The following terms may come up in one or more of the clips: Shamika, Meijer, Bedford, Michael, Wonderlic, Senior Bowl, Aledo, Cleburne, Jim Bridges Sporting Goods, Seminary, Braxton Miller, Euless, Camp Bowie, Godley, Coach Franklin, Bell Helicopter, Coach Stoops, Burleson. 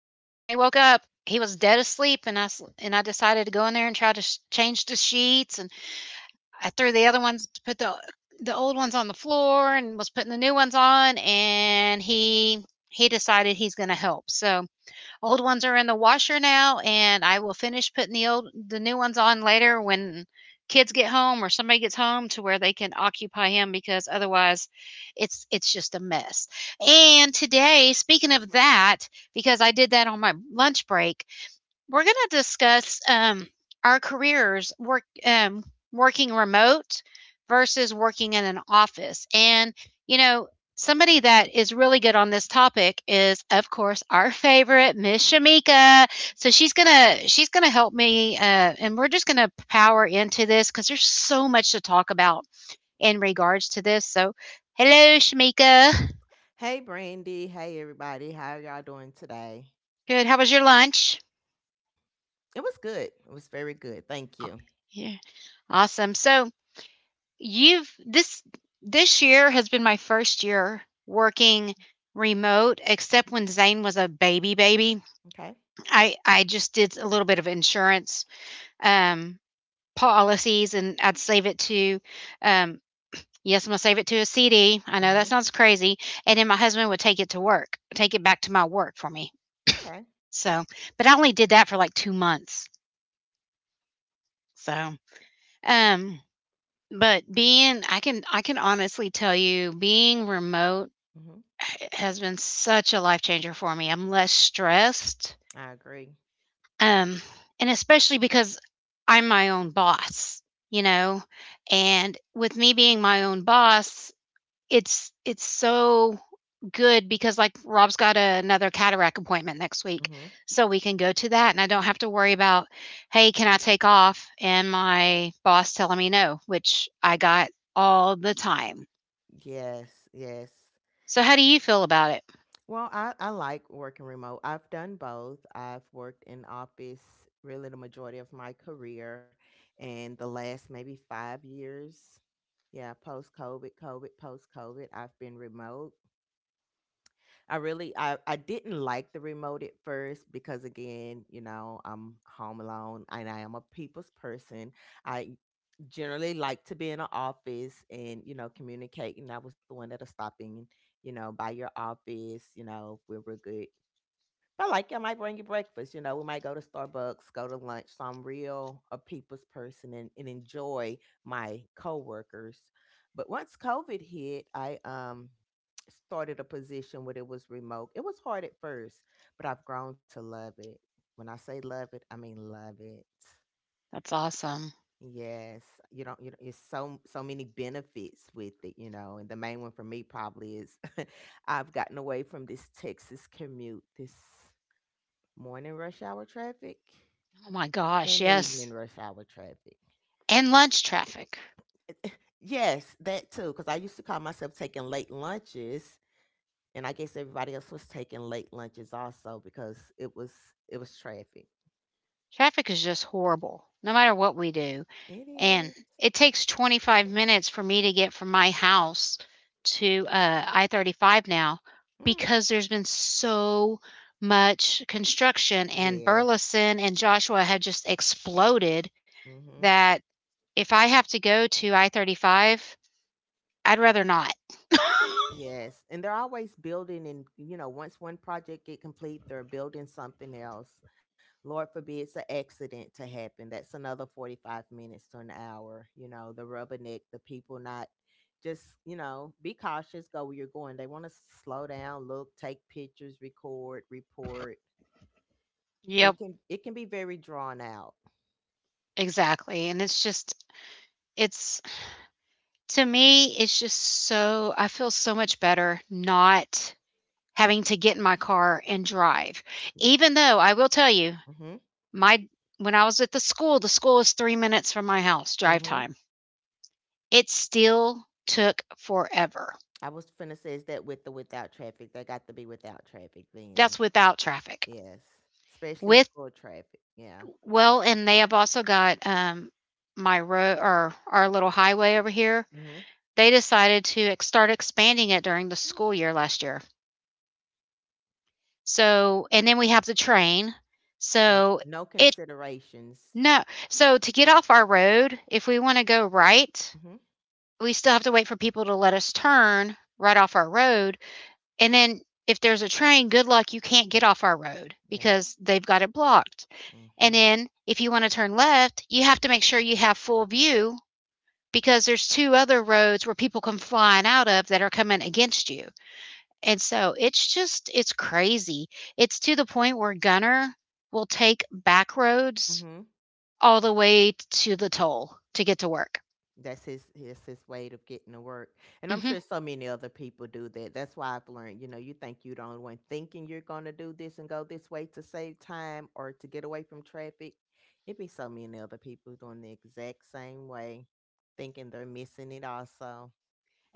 woke up. He was dead asleep, and I decided to go in there and try to change the sheets. And I threw the other ones, put the old ones on the floor and was putting the new ones on. And he decided he's going to help. So old ones are in the washer now, and I will finish putting the old the new ones on later when kids get home or somebody gets home to where they can occupy him because otherwise it's just a mess. And today, speaking of that, because I did that on my lunch break, we're going to discuss our careers work working remote versus working in an office. And you know, somebody that is really good on this topic is, of course, our favorite Miss Shamika. So she's gonna help me, and we're just gonna power into this because there's so much to talk about in regards to this. So, hello, Shamika. Hey, Brandy. Hey, everybody. How are y'all doing today? Good. How was your lunch? It was good. It was very good. Thank Oh, you. yeah. Awesome. So You've this this year has been my first year working remote except Mhm. when Zane was a baby. Okay. I just did a little bit of insurance um policies and I'd save it to um yes, I'm going to save it to a CD. I know that Hmm. sounds crazy. And then my husband would take it to work, take it back to my work for me. Okay. So, but I only did that for like 2 months. So, um but being I can honestly tell you being remote Hmm. h has been such a life changer for me. I'm less stressed, I agree. um, and especially because I'm my own boss, you know? And with me being my own boss, it's so good because, like, Rob's got another cataract appointment next week, Hmm. so we can go to that, and I don't have to worry about, "Hey, can I take off?" and my boss telling me no, which I got all the time. Yes. Yes. So how do you feel about it? Well, I like working remote. I've done both. I've worked in office really the majority of my career and the last maybe 5 years. Yeah, post COVID, I've been remote. I really I didn't like the remote at first because again, you know, I'm home alone and I am a people's person. I generally like to be in an office and you know communicate, and I was the one that'll stop in, you know, by your office, you know, if we were good. I might bring you breakfast. You know, we might go to Starbucks, go to lunch. So I'm real a people's person, and enjoy my coworkers. But once COVID hit, I started a position where it was remote. It was hard at first, but I've grown to love it. When I say love it, I mean love it. That's awesome. Yes, you don't. You know, it's so many benefits with it. And the main one for me probably is I've gotten away from this Texas commute. This morning rush hour traffic Oh my gosh, and yes. evening rush hour traffic. And lunch traffic. Yes, that too, because I used to call myself taking late lunches, and I guess everybody else was taking late lunches also because it was traffic. Traffic is just horrible, no matter what we do. It And is. it takes 25 minutes for me to get from my house to I 35 now Mm. because there's been so much construction, and Yes. Burleson and Joshua have just exploded Hmm. that if I have to go to I 35, I'd rather not. Yes, and they're always building, and you know, once one project get complete, they're building something else. Lord forbids an accident to happen. That's another 45 minutes to an hour, you know, the rubberneck, the people not just, you know, be cautious, go where you're going. They want to slow down, look, take pictures, record, report. Yep, It can be very drawn out. exactly. And it's just, it's To me, it's just so I feel so much better not having to get in my car and drive. Even though I will tell you, Mhm. my when I was at the school is 3 minutes from my house drive Mhm. time. It still took forever. I was finna say, is that without traffic? They got to be without traffic That's then. without traffic. Yes, especially With school traffic. Yeah. well, and they have also got, my road or our little highway over here, Mhm. they decided to ex start expanding it during the Mm. school year last year. So and then we have the train. No, So no it considerations. no. So to get off our road, if we want to go right, Mhm. we still have to wait for people to let us turn right off our road. And then if there's a train, good luck, you can't get off our road Yeah. because they've got it blocked. And Mhm. then if you want to turn left, you have to make sure you have full view because there's two other roads where people come flying out of that are coming against you. And so it's crazy. It's to the point where Gunner will take back roads Mhm. all the way to the toll to get to work. That's his. That's his way of getting to work. And I'm Mhm. sure so many other people do that. That's why I've learned. You know, you think you're the only one thinking you're gonna do this and go this way to save time or to get away from traffic. It be so many other people doing the exact same way, thinking they're missing it also.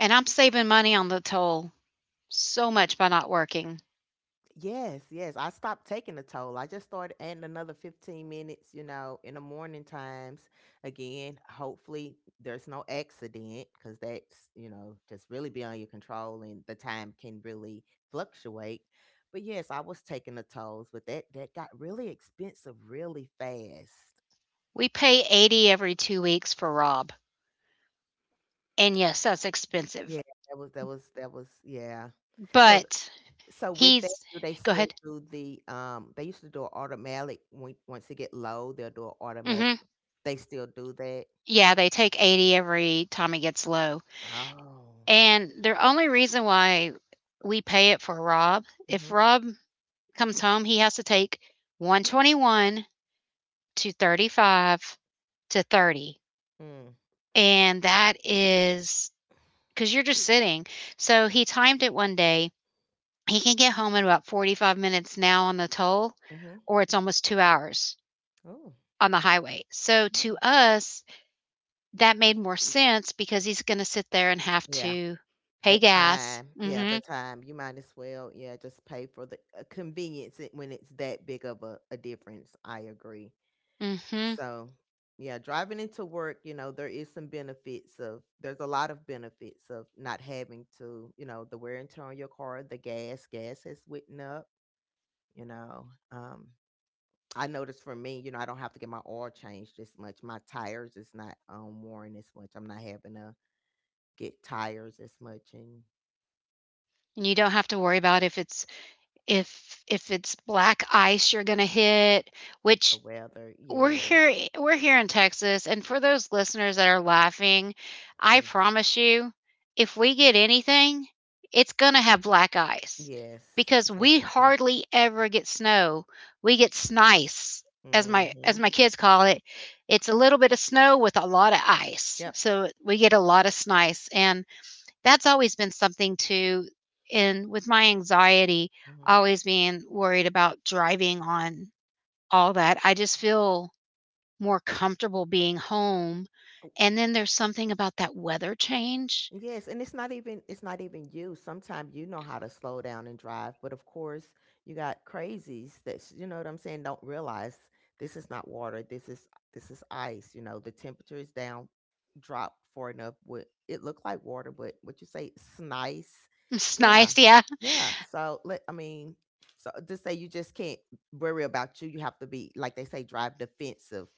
And I'm saving money on the toll so much by not working. Yes, yes. I stopped taking the toll. I just started adding another 15 minutes, in the morning times. Again, hopefully there's no accident because that's just really beyond your control, and the time can really fluctuate. But yes, I was taking the tolls, but that got really expensive really fast. We pay 80 every 2 weeks for Rob. And yes, that's expensive. Yeah, that was yeah. So th- But so with that, he's do they Go still ahead. do they used to do an automatic when once it get low, they'll do an automatic. Mhm. They still do that? Yeah, they take 80 every time it gets low. Oh. And the only reason why we pay it for Rob, if Mhm. Rob comes home, he has to take 121 to 35 to 30. Mm. And that is because you're just sitting. So he timed it one day. He can get home in about 45 minutes now on the toll, Mhm. or it's almost 2 hours Oh. on the highway. So to Mm. us, that made more sense because he's going to sit there and have Yeah, to pay that gas. time. Yeah, Hmm the time. You might as well, yeah, just pay for the convenience when it's that big of a difference. I agree. hmm And So, yeah, driving into work, there's a lot of benefits of not having to, the wear and tear on your car, gas has went up, you know. Um, I noticed for me, I don't have to get my oil changed as much. My tires is not worn as much. I'm not having to get tires as much, and you don't have to worry about if it's black ice you're going to hit, the which weather. we're Yes. here we're here in Texas, and for those listeners that are laughing, I Mhm. promise you, if we get anything, it's gonna have black ice Yes, because we definitely. hardly ever get snow. We get snice, as my Mhm. kids call it. It's a little bit of snow with a lot of ice, Yep. so we get a lot of snice, and that's always been something too in with my anxiety, Mhm. always being worried about driving on all that, I just feel more comfortable being home. And then there's something about that weather change. Yes, and it's not even you. Sometimes you know how to slow down and drive, but of course you got crazies that you know what I'm saying don't realize this is not water. This is ice. You know the temperature is down, drop far enough. What it looked like water, but what you say it's nice. It's Yeah, nice, yeah. yeah. So let I mean, so just say you just can't worry about you. You have to be like they say, drive defensive,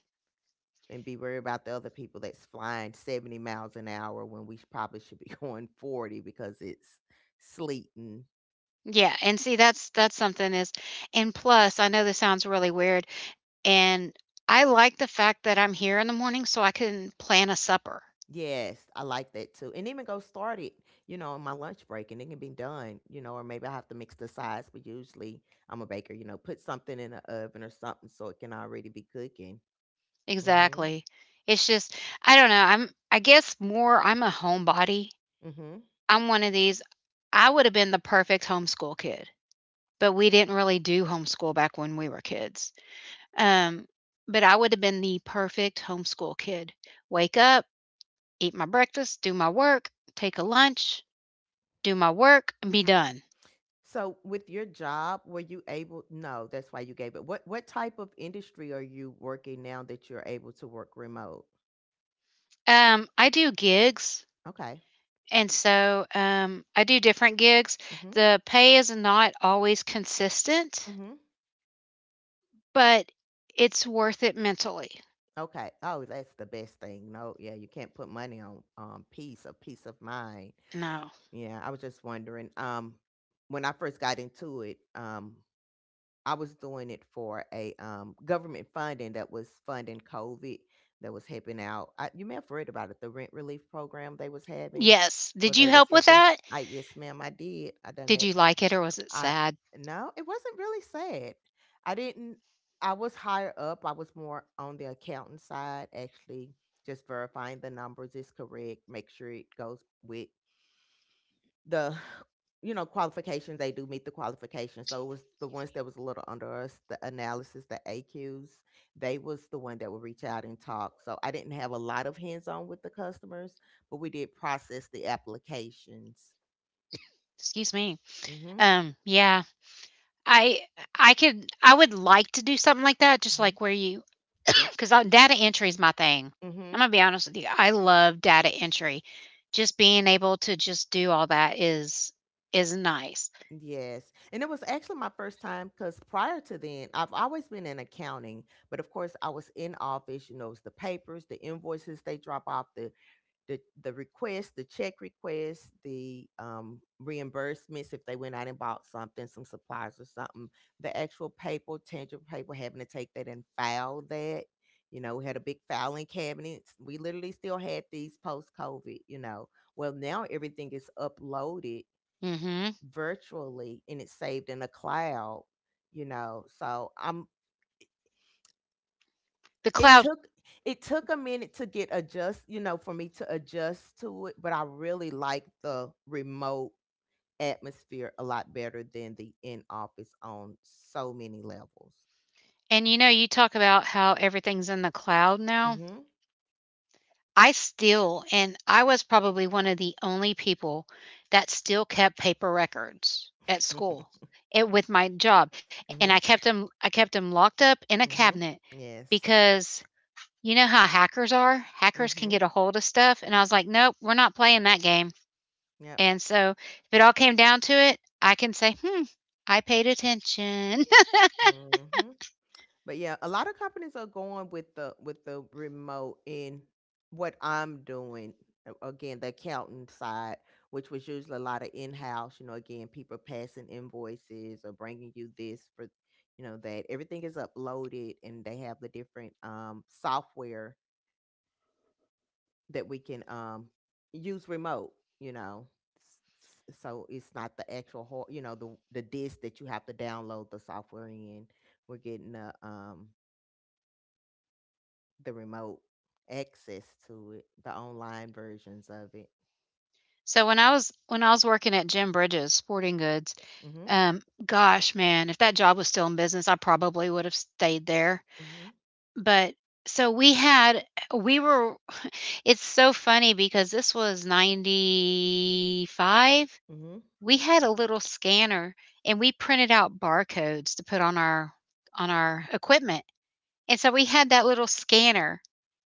and be worried about the other people that's flying 70 miles an hour when we probably should be going 40 because it's sleeting. Yeah, and see that's something is and plus, I know this sounds really weird, and I like the fact that I'm here in the morning so I can plan a supper. Yes, I like that too. And even go start it, in my lunch break, and it can be done, or maybe I have to mix the sides, but usually I'm a baker, put something in the oven or something so it can already be cooking. Mhm. Exactly. It's just I don't know, I'm I guess more I'm a homebody. Mhm. I'm one of these I would have been the perfect homeschool kid, but we didn't really do homeschool back when we were kids. Um, but I would have been the perfect homeschool kid. Wake up, eat my breakfast, do my work, take a lunch, do my work, and be done. So with your job, were you able. No, that's why you gave it. What type of industry are you working now that you're able to work remote? I do gigs, Okay. and so I do different gigs. Mm-hmm. The pay is not always consistent, Hmm. but it's worth it mentally. Okay. Oh, that's the best thing. No, yeah, you can't put money on peace or peace of mind. No. Yeah, I was just wondering. When I first got into it, I was doing it for a government funding that was funding COVID that was helping out. I, you may have heard about it, the rent relief program they was having, Yes. where Did you they was help with helping. that? I, yes, ma'am, I did. I done Did that. you like it or was it I sad? no, it wasn't really sad. I didn't I was higher up. I was more on the accountant side actually, just verifying the numbers is correct, make sure it goes with the qualifications, they do meet the qualifications. So it was the ones that was a little under us, the analysis, the aqs, they was the one that would reach out and talk. So I didn't have a lot of hands-on with the customers, but we did process the applications. Excuse me. Mm-hmm. Yeah. I I would like to do something like that, just Mm-hmm. like where you because data entry is my thing. Mm-hmm. I'm gonna be honest with you. I love data entry. Just being able to just do all that is nice. Yes. And it was actually my first time because prior to then, I've always been in accounting, but of course I was in office, you know, it's the papers, the invoices they drop off, the requests, the check requests, the reimbursements if they went out and bought something, some supplies or something, the actual paper, tangible paper, having to take that and file that. You know, we had a big filing cabinet. We literally still had these post COVID, you know. Well, now everything is uploaded Hmm virtually, and it's saved in a cloud. So I'm The it cloud, took it took a minute to get adjust, for me to adjust to it, but I really like the remote atmosphere a lot better than the in office on so many levels. and you know, you talk about how everything's in the cloud now. Mhm. I still, and I was probably one of the only people that still kept paper records at Mhm. school. It with my job, and I Mhm. kept them. I kept them locked up in a Mhm. cabinet Yes. because you know how hackers are? Hackers can Mhm. get a hold of stuff, and I was like, "Nope, we're not playing that game." Yep. And so, if it all came down to it, I can say, "Hmm, I paid attention." Mhm. But yeah, a lot of companies are going with the remote in what I'm doing. Again, the accounting side, which was usually a lot of in-house, again, people passing invoices or bringing you this for, that everything is uploaded, and they have the different software that we can use remote, you know. So it's not the actual, the disk that you have to download the software in. We're getting a the remote access to it, the online versions of it. So when I was working at Jim Bridges Sporting Goods, Mhm. Gosh, man, if that job was still in business, I probably would have stayed there. Mhm. But so we had, we were, it's so funny because this was 95. Mhm. We had a little scanner and we printed out barcodes to put on our equipment. And so we had that little scanner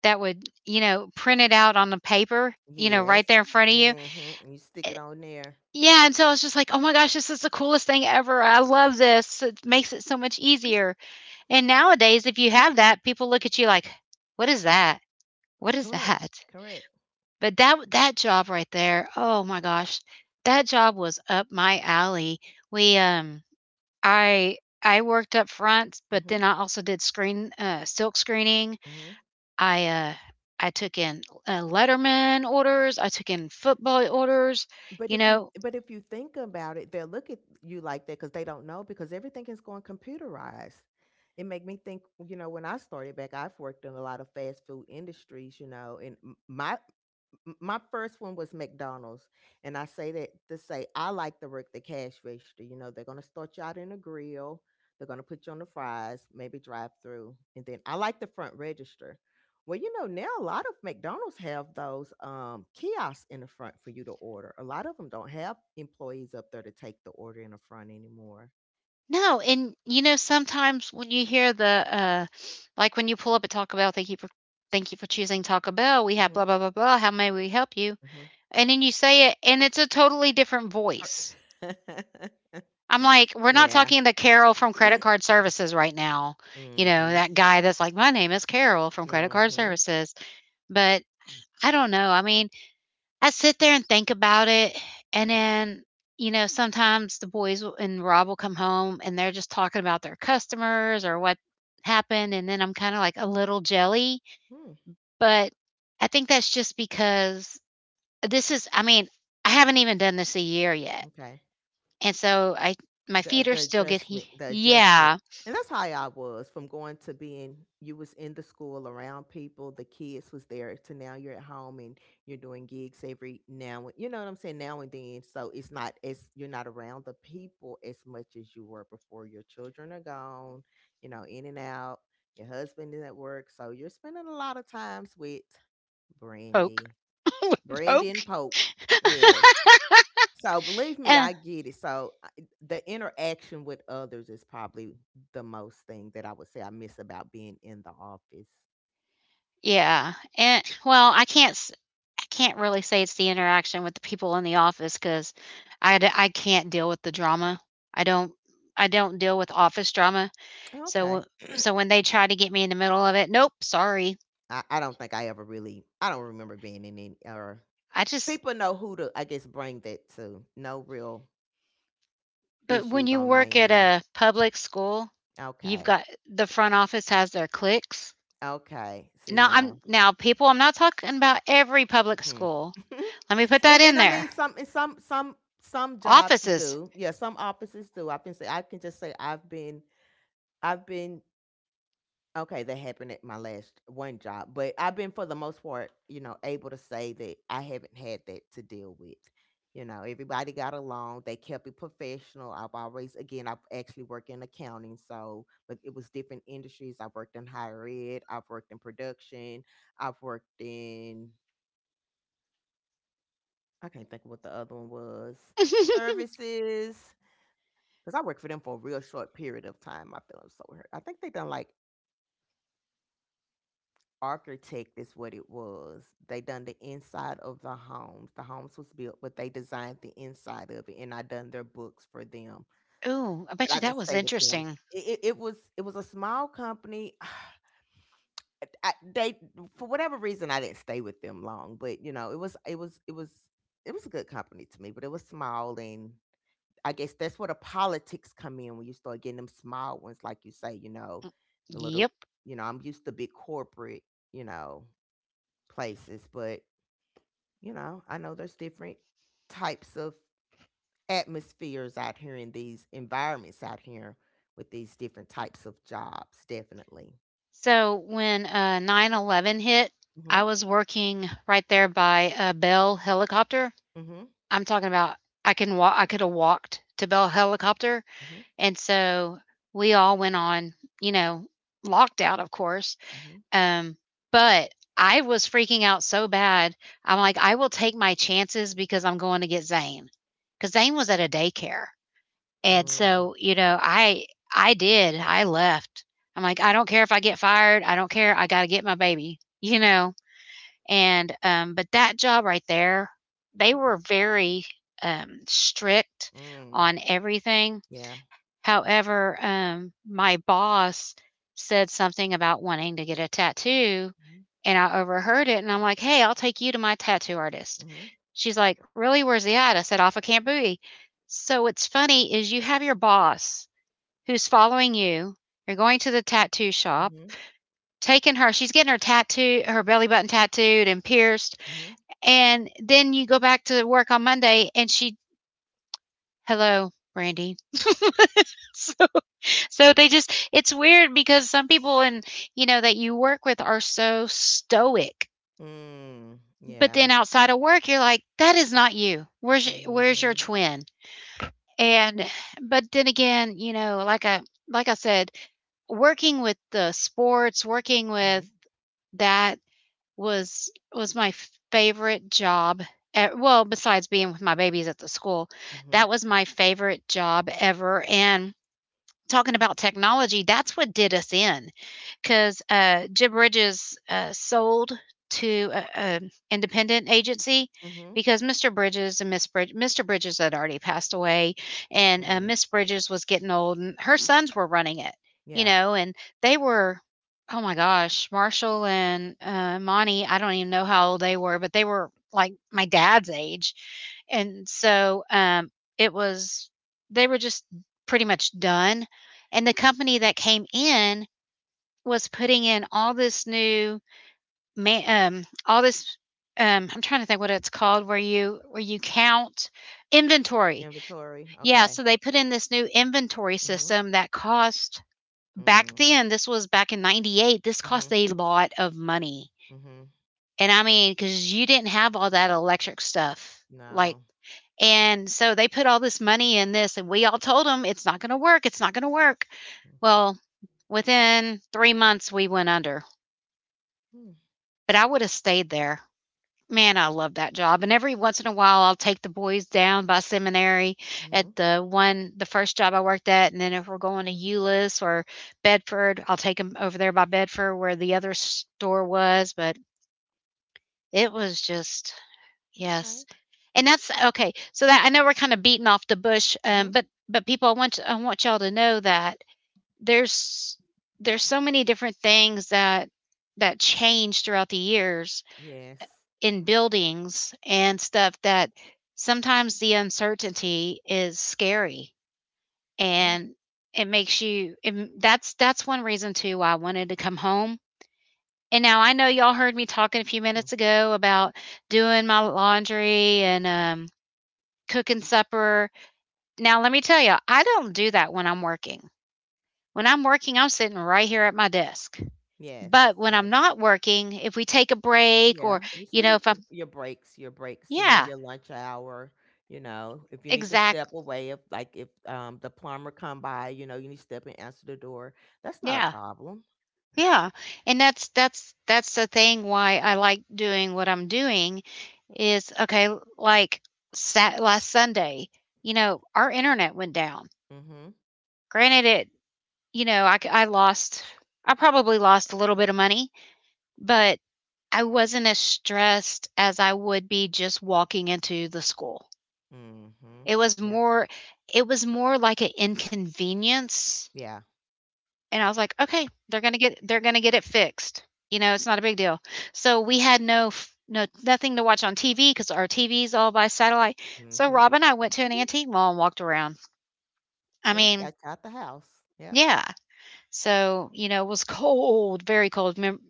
that would, you know, print it out on the paper, you know, right Yes. there in front of you. Mhm. You stick Eh, it on there. yeah, and so I was just like, "Oh my gosh, this is the coolest thing ever. I love this. It makes it so much Mm. easier." And nowadays if you have that, people look at you like, "What is that? What is Correct. that?" Correct. But that job right there, oh my gosh, that job was up my alley. We, um I worked up front, but Mhm. then I also did screen silk screening. Mhm. I uh, I took in Letterman orders. I took in football orders. But You if you know, but if you think about it, they'll look at you like that because they don't know because everything is going computerized. It make me think, when I started back, I've worked in a lot of fast food industries, and my first one was McDonald's, and I say that to say I like to work the cash register. You know, they're gonna start you out in a grill, they're gonna put you on the fries, maybe drive through, and then I like the front register, well, now a lot of McDonald's have those kiosks in the front for you to order. A lot of them don't have employees up there to take the order in the front anymore. no, and you know sometimes when you hear the like when you pull up at Taco Bell, thank you for choosing Taco Bell. We have Hmm. blah blah blah blah. How may we help you? Hmm. And then you say it, and it's a totally different voice. I'm like, we're not Yeah. talking the Carol from Credit Card Services right now. You know, Hmm. that guy that's like, my name is Carol from Credit Card Hmm. Services. But I don't know. I mean, I sit there and think about it. And then, you know, sometimes the boys will- and Rob will come home and they're just talking about their customers or what happened. And then I'm kind of like a little jelly. Hmm. But I think that's just because this is, I mean, I haven't even done this a year yet. Okay. And so I, my the feet are the still getting, adjustment the adjustment yeah, And that's how I was. From going to being you was in the school around people, the kids was there, to now you're at home, and you're doing gigs every now and, you know what I'm saying, now and then. So it's not as you're not around the people as much as you were before. Your children are gone, you know, in and out. Your husband is at work, so you're spending a lot of times with Brandy. Poke. With Brandon and poke. Poke. So believe me, Eh, I get it. The interaction with others is probably the most thing that I would say I miss about being in the office. yeah. And well, I can't really say it's the interaction with the people in the office cuz I can't deal with the drama. I don't I don't deal with office drama. Okay. So when they try to get me in the middle of it, nope, sorry. I don't think I ever really, I don't remember being in any, or I just people know who to, I guess, bring that to. No real But when issues you on my work at end. a public school, you've Okay. got the front office has their cliques. Okay. See now. Now people, I'm not talking about every public Hmm. school. Let me put that and in and I there. mean some, and some jobs Offices. do. Yeah, some offices do. I can say, I can just say. I've been Okay, that happened at my last one job, but I've been, for the most part, you know, able to say that I haven't had that to deal with. You know, everybody got along. They kept it professional. I've always, again, I've actually worked in accounting, so, but it was different industries. I've worked in higher ed. I've worked in production. I've worked in, I can't think of what the other one was, services. Because I worked for them for a real short period of time. I feel I'm so hurt. I think they done, like, architect is what it was. They done the inside of the homes. The homes was built, but they designed the inside of it, and I done their books for them. Oh, I But bet I you didn't that was stay with them. interesting. It was a small company. I, they for whatever reason I didn't stay with them long, but you know it was a good company to me, but it was small. And I guess that's where the politics come in when you start getting them small ones, like you say, you know, the little, Yep. you know, I'm used to big corporate, you know, places. But you know, I know there's different types of atmospheres out here, in these environments out here, with these different types of jobs, definitely. So when 9/11 hit, I Mhm. was working right there by Bell Helicopter. Mhm. I'm talking about I can walk. I could have walked to Bell Helicopter, Mhm. and so we all went on, you know, locked out, of course. Mhm. Um, but I was freaking out so bad. I'm like, I will take my chances because I'm going to get Zane, because Zane was at a daycare. And Mm. so, I did, I left. I'm like, "I don't care if I get fired, I don't care, I gotta get my baby," you know? And, but that job right there, they were very, strict Mm. on everything. Yeah. However, my boss said something about wanting to get a tattoo, Mhm. and I overheard it, and I'm like, "Hey, I'll take you to my tattoo artist." Mhm. She's like, "Really? Where's he at?" I said, "Off of Camp Bowie." So what's funny is you have your boss who's following you. You're going to the tattoo shop, Mhm. taking her. She's getting her tattoo, her belly button tattooed and pierced, Mhm. and then you go back to work on Monday, and she, "Hello, Brandy." So So they just it's weird because some people and you know that you work with are so stoic. Mm. But Yeah. then outside of work, you're like, that is not you. Where's your Mhm. twin? And But then again, like I said, working with the sports, working Mhm. with that was my favorite job. Well, besides being with my babies at the school, Mhm. that was my favorite job ever. And talking about technology, that's what did us in because Jim Bridges sold to an independent agency Mhm. because Mr. Bridges and Mr. Bridges had already passed away, and Mm. Miss Bridges was getting old, and her sons were running it, Yeah. you know, and they were. Oh my gosh, Marshall and Monty, I don't even know how old they were, but they were like my dad's age. And so it was, they were just pretty much done. And the company that came in was putting in all this I'm trying to think what it's called where you count inventory. Inventory. Yeah, Okay. so they put in this new inventory Mhm. system that cost Mm. back then, this was back in 98, this cost Mhm. a lot of money. Mhm. And I mean, because you didn't have all that electric stuff, No. like, and so they put all this money in this, and we all told them, "It's not gonna work, it's not gonna work." Well, within 3 months, we went under, Mhm. but I woulda stayed there. Man, I love that job, and every once in a while, I'll take the boys down by Seminary at Mhm. The first job I worked at, and then if we're going to Euless or Bedford, I'll take them over there by Bedford where the other store was, but it was just, yes. Okay. And that's Yeah. okay, so that I know we're kinda beating off the bush, but people, I want y'all to know that there's there's so many different things that change throughout the years Yes. in buildings and stuff that sometimes the uncertainty is scary, Yeah. and it makes you it, that's one reason too why I wanted to come home. And now I know y'all heard me talking a few Mm. minutes ago about doing my laundry and cooking supper. Now let me tell you, I don't do that when I'm working. When I'm working, I'm sitting right here at my desk. Yes. But when Yes. I'm not working, if we take a break, or Yeah. You still get if I'm, your breaks, your breaks in yeah, your lunch hour. You know, if you need to step exact away, if, like, if the plumber come by, you know, you need to step and answer the door. That's not a yeah. problem. Yeah, and that's the thing why I like doing what I'm doing is, okay, like, sat last Sunday, you know, our internet went down. Mm-hmm. Granted it, you know, I c- I lost I probably lost a little bit of money, but I wasn't as stressed as I would be just walking into the school. Mm-hmm. It was Yep. more it was more like an inconvenience. Yeah. And I was like, "Okay, they're gonna get it fixed. You know, it's not a big deal." So we had no f no nothing to watch on TV because our TV's all by satellite. So Mm-hmm. Rob and I went to an Mm-hmm. antique mall and walked around. I See, mean, got you out the house. Yep. yeah. So, it was cold, very cold. Mem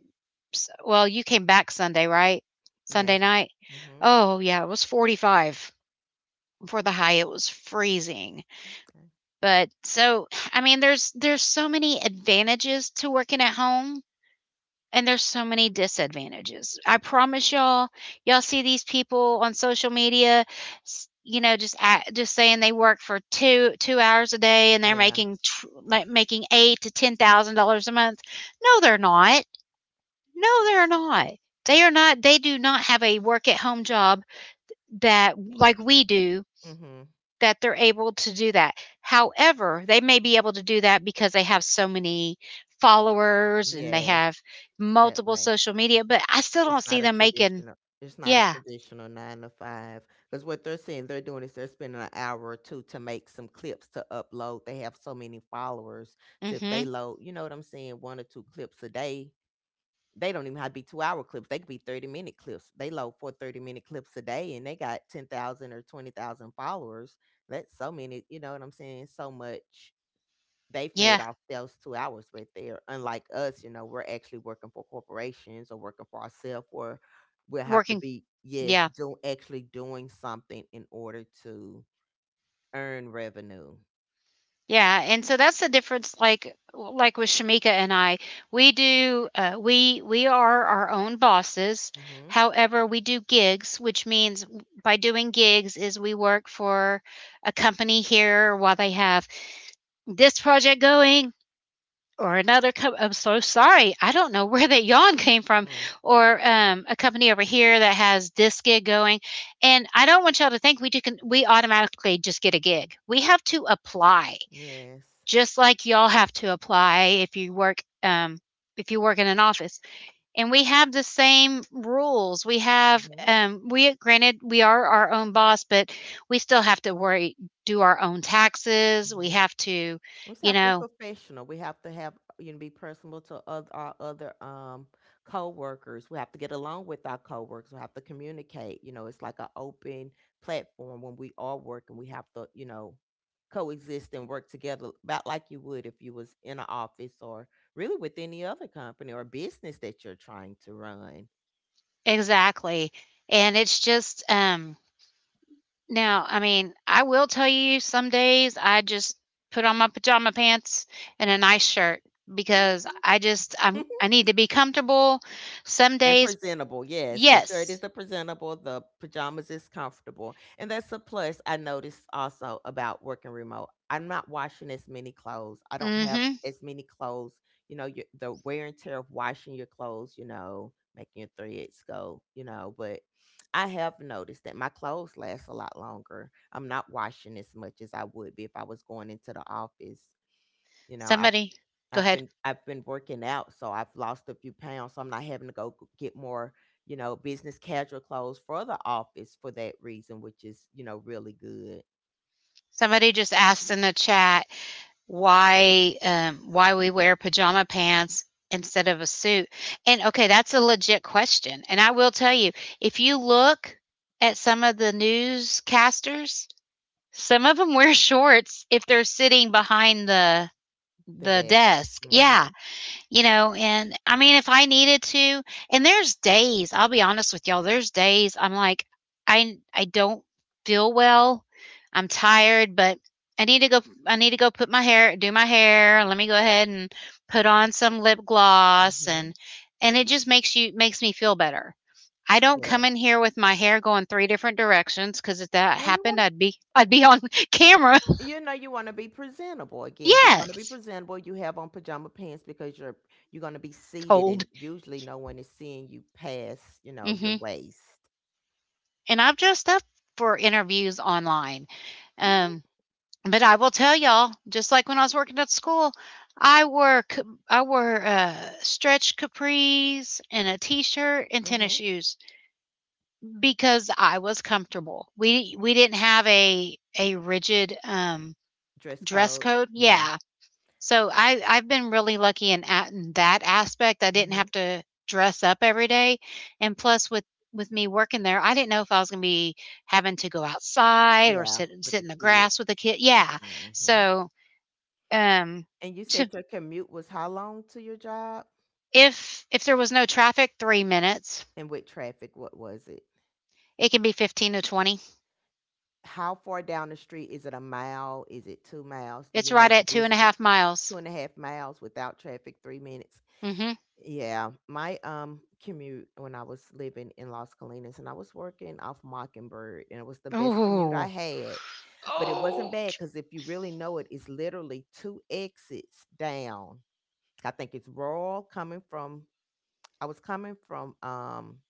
s Well, you came back Sunday, right? Sunday Yes. night? Mm-hmm. Oh, yeah, it was 45 for the high, it was freezing. Okay. But so, I mean, there's so many advantages to working at home, and there's so many disadvantages. I promise y'all, y'all see these people on social media, just saying they work for two hours a day and they're Yeah. making like making eight to ten thousand dollars a month. No, they're not. No, they're not. They are not. They do not have a work at home job that, like we do, Mm-hmm. that they're able to do that. However, they may be able to do that because they have so many followers and they Yes. have That multiple way. social media, but I still It's don't see not a them making, traditional, it's not a yeah. traditional nine to five, because what they're saying they're doing is they're spending an hour or two to make some clips to upload. They have so many followers, so if they Mhm. load, you know what I'm saying, one or two clips a day, they don't even have to be 2-hour clips. They could be 30-minute clips. They load four 30-minute clips a day, and they got 10,000 or 20,000 followers. That's so many. You know what I'm saying? So much they've made Yeah. ourselves 2 hours right there. Unlike us, you know, we're actually working for corporations or working for ourselves, or we'll have to Working, be, yes, yeah. do, actually doing something in order to earn revenue. Yeah, and so that's the difference, like with Shamika and I, we do we are our own bosses. Mm-hmm. However, we do gigs, which means by doing gigs is we work for a company here while they have this project going, or I'm so sorry. I don't know where that yawn came from. Mm. Or a company over here that has this gig going. And I don't want y'all to think we do. Can we automatically just get a gig? We have to apply Yes. just like y'all have to apply if you work in an office. And we have the same rules. We have Mm-hmm. We granted we are our own boss, but we still have to worry, do our own taxes. We Mm-hmm. have to, We just you have to be know, professional. We have to have, you know, be personable to other, our other, coworkers. We have to get along with our coworkers. We have to communicate. You know, it's like an open platform when we are working. We have to, coexist and work together, about like you would if you was in an office, or really with any other company or business that you're trying to run. exactly, and it's just, now, I mean, I will tell you, some days I just put on my pajama pants and a nice shirt because Mhm. I just I'm I need to be comfortable. Some And days, presentable, yes. The shirt is yes. the presentable, the pajamas is comfortable. And that's a plus I noticed also about working remote. I'm not washing as many clothes. I don't have Mhm. as many clothes. You know, your, the wear and tear of washing your clothes, you know, making your threads go, you know. But I have noticed that my clothes last a lot longer. I'm not washing as much as I would be if I was going into the office. You know, i Somebody, go I've ahead. been I've been working out, so I've lost a few pounds, so I'm not having to go get more, you know, business casual clothes for the office, for that reason, which is, you know, really good Somebody just asked in the chat why we wear pajama pants instead of a suit. And okay, that's a legit question. And I will tell you, if you look at some of the newscasters, some of them wear shorts if they're sitting behind the for the that. desk. Yeah, Mhm. And I mean, if I needed to and there's days, I'll be honest with y'all, there's days I'm like, I don't feel well. I'm tired, but I need to go I need to go put my hair do my hair. Let me go ahead and put on some lip gloss, and Mhm. and it just makes me feel better. I don't come Yes. in here with my hair going 3 different directions, because if that No, you happened, want I'd be on camera. you know you want to be presentable again. You want to be Yes. presentable. You have on pajama pants because you're going to be seated, Cold. and usually no one is seeing you past, you know, your Mhm. waist. And I've dressed up for interviews online. Mhm. Um, but I will tell y'all, just like when I was working at school, I wore c- I wore stretch capris and a t-shirt and tennis Mhm. shoes because I was comfortable. We didn't have a rigid Dress dress code. code. Yeah. Yeah, so I've been really lucky in that aspect, I didn't have Mhm. to dress up every day, and plus with me working there, I didn't know if I was gonna be having to go outside or Yeah. sit With sit the in the kid. grass with a kid, yeah. Mhm. So, um, And you to said your commute was how long to your job? If there was no traffic, 3 minutes. And with traffic, what was it? It can be 15 to 20. How far down the street? Is it a mile? Is it 2 miles? Do It's you know right the at two and a distance? half Two miles. and a half miles without traffic, 3 minutes. Mm. Yeah. My commute when I was living in Los Colinas and I was working off Mockingbird, and it was the Mhm. best commute I Ooh. had. But it wasn't Oh. bad because, if you really know it, it's literally two exits down. I think it's Royal, coming from, I was coming from um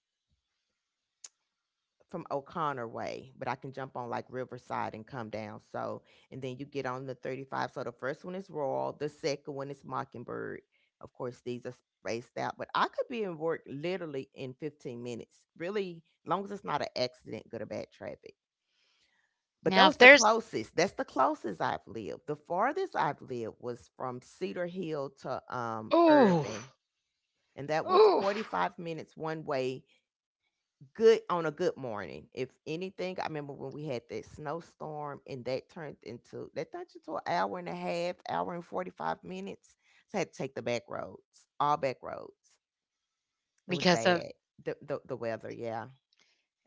from O'Connor way, but I can jump on like Riverside and come down. So, and then you get on the 35. So the first one is Royal, the second one is Mockingbird. Of course, these are spaced out, but I could be in work literally in 15 minutes, really, long as it's not an accident, good or bad traffic. But Now that if was the there's closest. That's the closest I've lived. The farthest I've lived was from Cedar Hill to Ooh, Irvin, and that was ooh. 45 minutes one way, good on a good morning. If anything, I remember when we had that snowstorm, and that turned into an hour and a half, hour and 45 minutes. So I had to take the back roads, all back roads. It was Because of bad. The weather, yeah.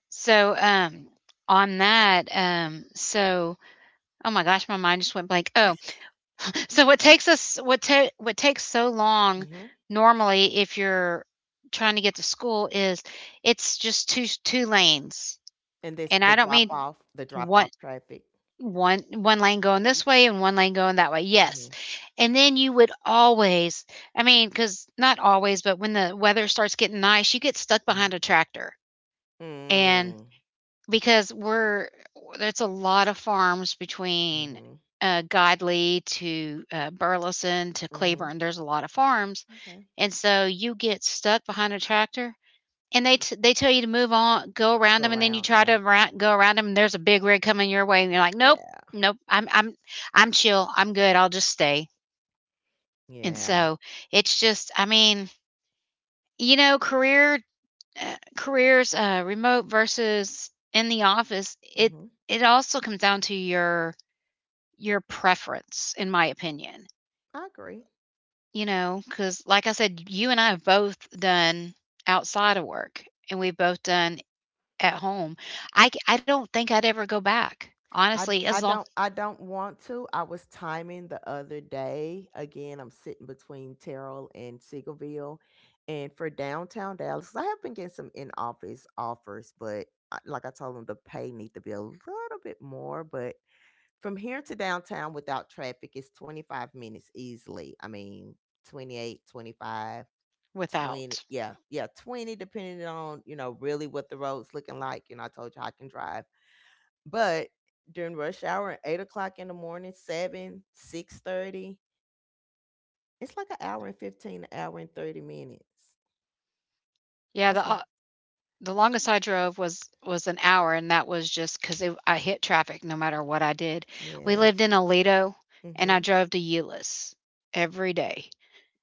So, on that, so, oh my gosh, my mind just went blank. Oh, so what takes us what ta- what takes so long, Hmm. normally, if you're trying to get to school, is, it's just two lanes. And this, And I don't mean the drop one off traffic. one lane going this way and one lane going that way. Hmm. Yes. And then you would always, I mean, cuz not always, but when the weather starts getting nice, you get stuck hmm behind a tractor. Mm. Because we're there's a lot of farms between, Hmm. Godley to, Burleson to Hmm. Cleburne, there's a lot of farms, Okay. and so you get stuck behind a tractor, and they tell you to move on, go around Go them, and then you around. try Yeah. to roun go around them. And there's a big rig coming your way, and you're like, "Nope, Yeah. nope, I'm chill, I'm good, I'll just stay." And Yeah. so, it's just, I mean, you know, career careers, remote versus in the office, it Hmm. it also comes down to your preference, in my opinion. I agree. You know, because like I said, you and I have both done outside of work, and we've both done at home. I don't think I'd ever go back, I honestly, I as long. don't I don't want to. I was timing the other day. Again, I'm sitting between Terrell and Siegelville. And for downtown Dallas, I have been getting some in office offers, but I, like I told them, the pay need to be a little bit more. But from here to downtown without traffic, it's 25 minutes easily. I mean, 28, 25, 20. Without. Yeah, yeah, 20, depending on, you know, really what the road's looking like. You know, I told you I can drive. But during rush hour, 8 o'clock in the morning, 7, 6:30, it's like an hour and 15, an hour and 30 minutes. Yeah, That's a, The longest I drove was an hour, and that was just because I hit traffic no matter what I did. We yeah. lived in Aledo, and I Mm-hmm. drove to Euless every day,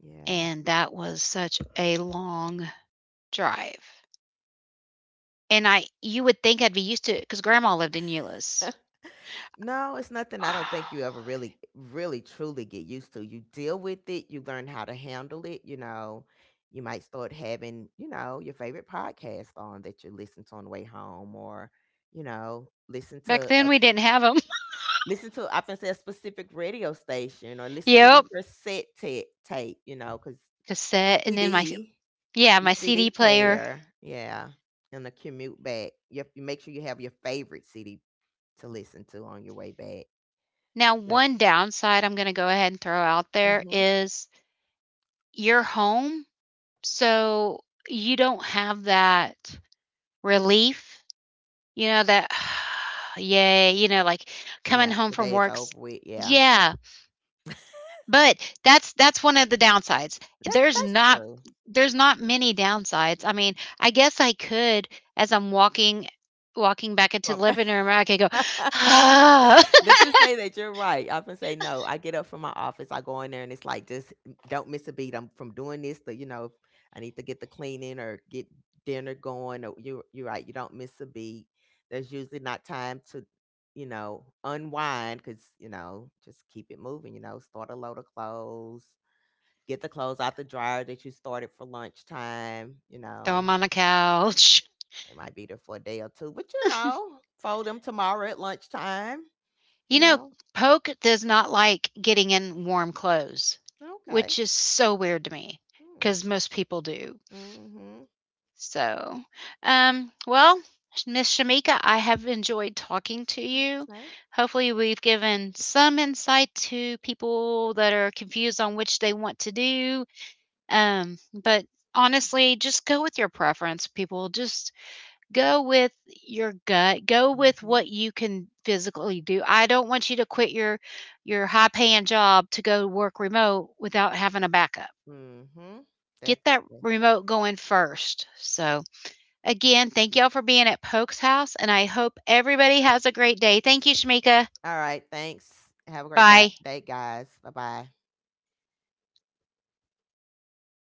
Yeah. and that was such a long drive, and I you would think I'd be used to it because grandma lived in Euless. No, it's nothing I don't think you ever really, really, truly get used to. You deal with it, you learn how to handle it. You know, you might start having, you know, your favorite podcast on that you listen to on the way home, or, you know, listen Back to then, a. we didn't have them. Listen to, I can say, a specific radio station, or listen to your Yep, cassette tape, you know, because cassette, and then my, CD, yeah, your my CD CD player. player, yeah, and the commute back. You, have, you make sure you have your favorite CD to listen to on your way back. Now, But one downside I'm gonna go ahead and throw out there hmm is your home. So, you don't have that relief, you know, that, "Yay," you know, like, coming yeah, home the from day is work's. over with. Yeah, Yeah, but that's one of the downsides. that's There's that's not true. there's not many downsides. I mean, I guess I could, as I'm walking back into the Well, living room, I could go, ah, that you say that you're right. I often say, no, I get up from my office, I go in there, and it's like, just don't miss a beat. I'm from doing this to, you know, I need to get the cleaning or get dinner going. Or you're right. You don't miss a beat. There's usually not time to, you know, unwind because, you know, just keep it moving, you know, start a load of clothes, get the clothes out the dryer that you started for lunchtime, you "Throw know, 'em on the couch." they might be there for a day or two, but you know, fold them tomorrow at lunchtime, you You know, know. Poke does not like getting in warm clothes, Okay. which is so weird to me Hmm. because most people do. Mhm. So, well, Miss Shamika, I have enjoyed talking to you. Okay. Hopefully, we've given some insight to people that are confused on which they want to do. But honestly, just go with your preference, people. Just Go with your gut. Go with Mhm. what you can physically do. I don't want you to quit your high-paying job to go work remote without having a backup. Mhm. Get that Definitely. remote going first. So, again, thank y'all for being at Polk's house, and I hope everybody has a great day. Thank you, Shamika. All right. Thanks. Have a great Bye. day, guys. Bye bye.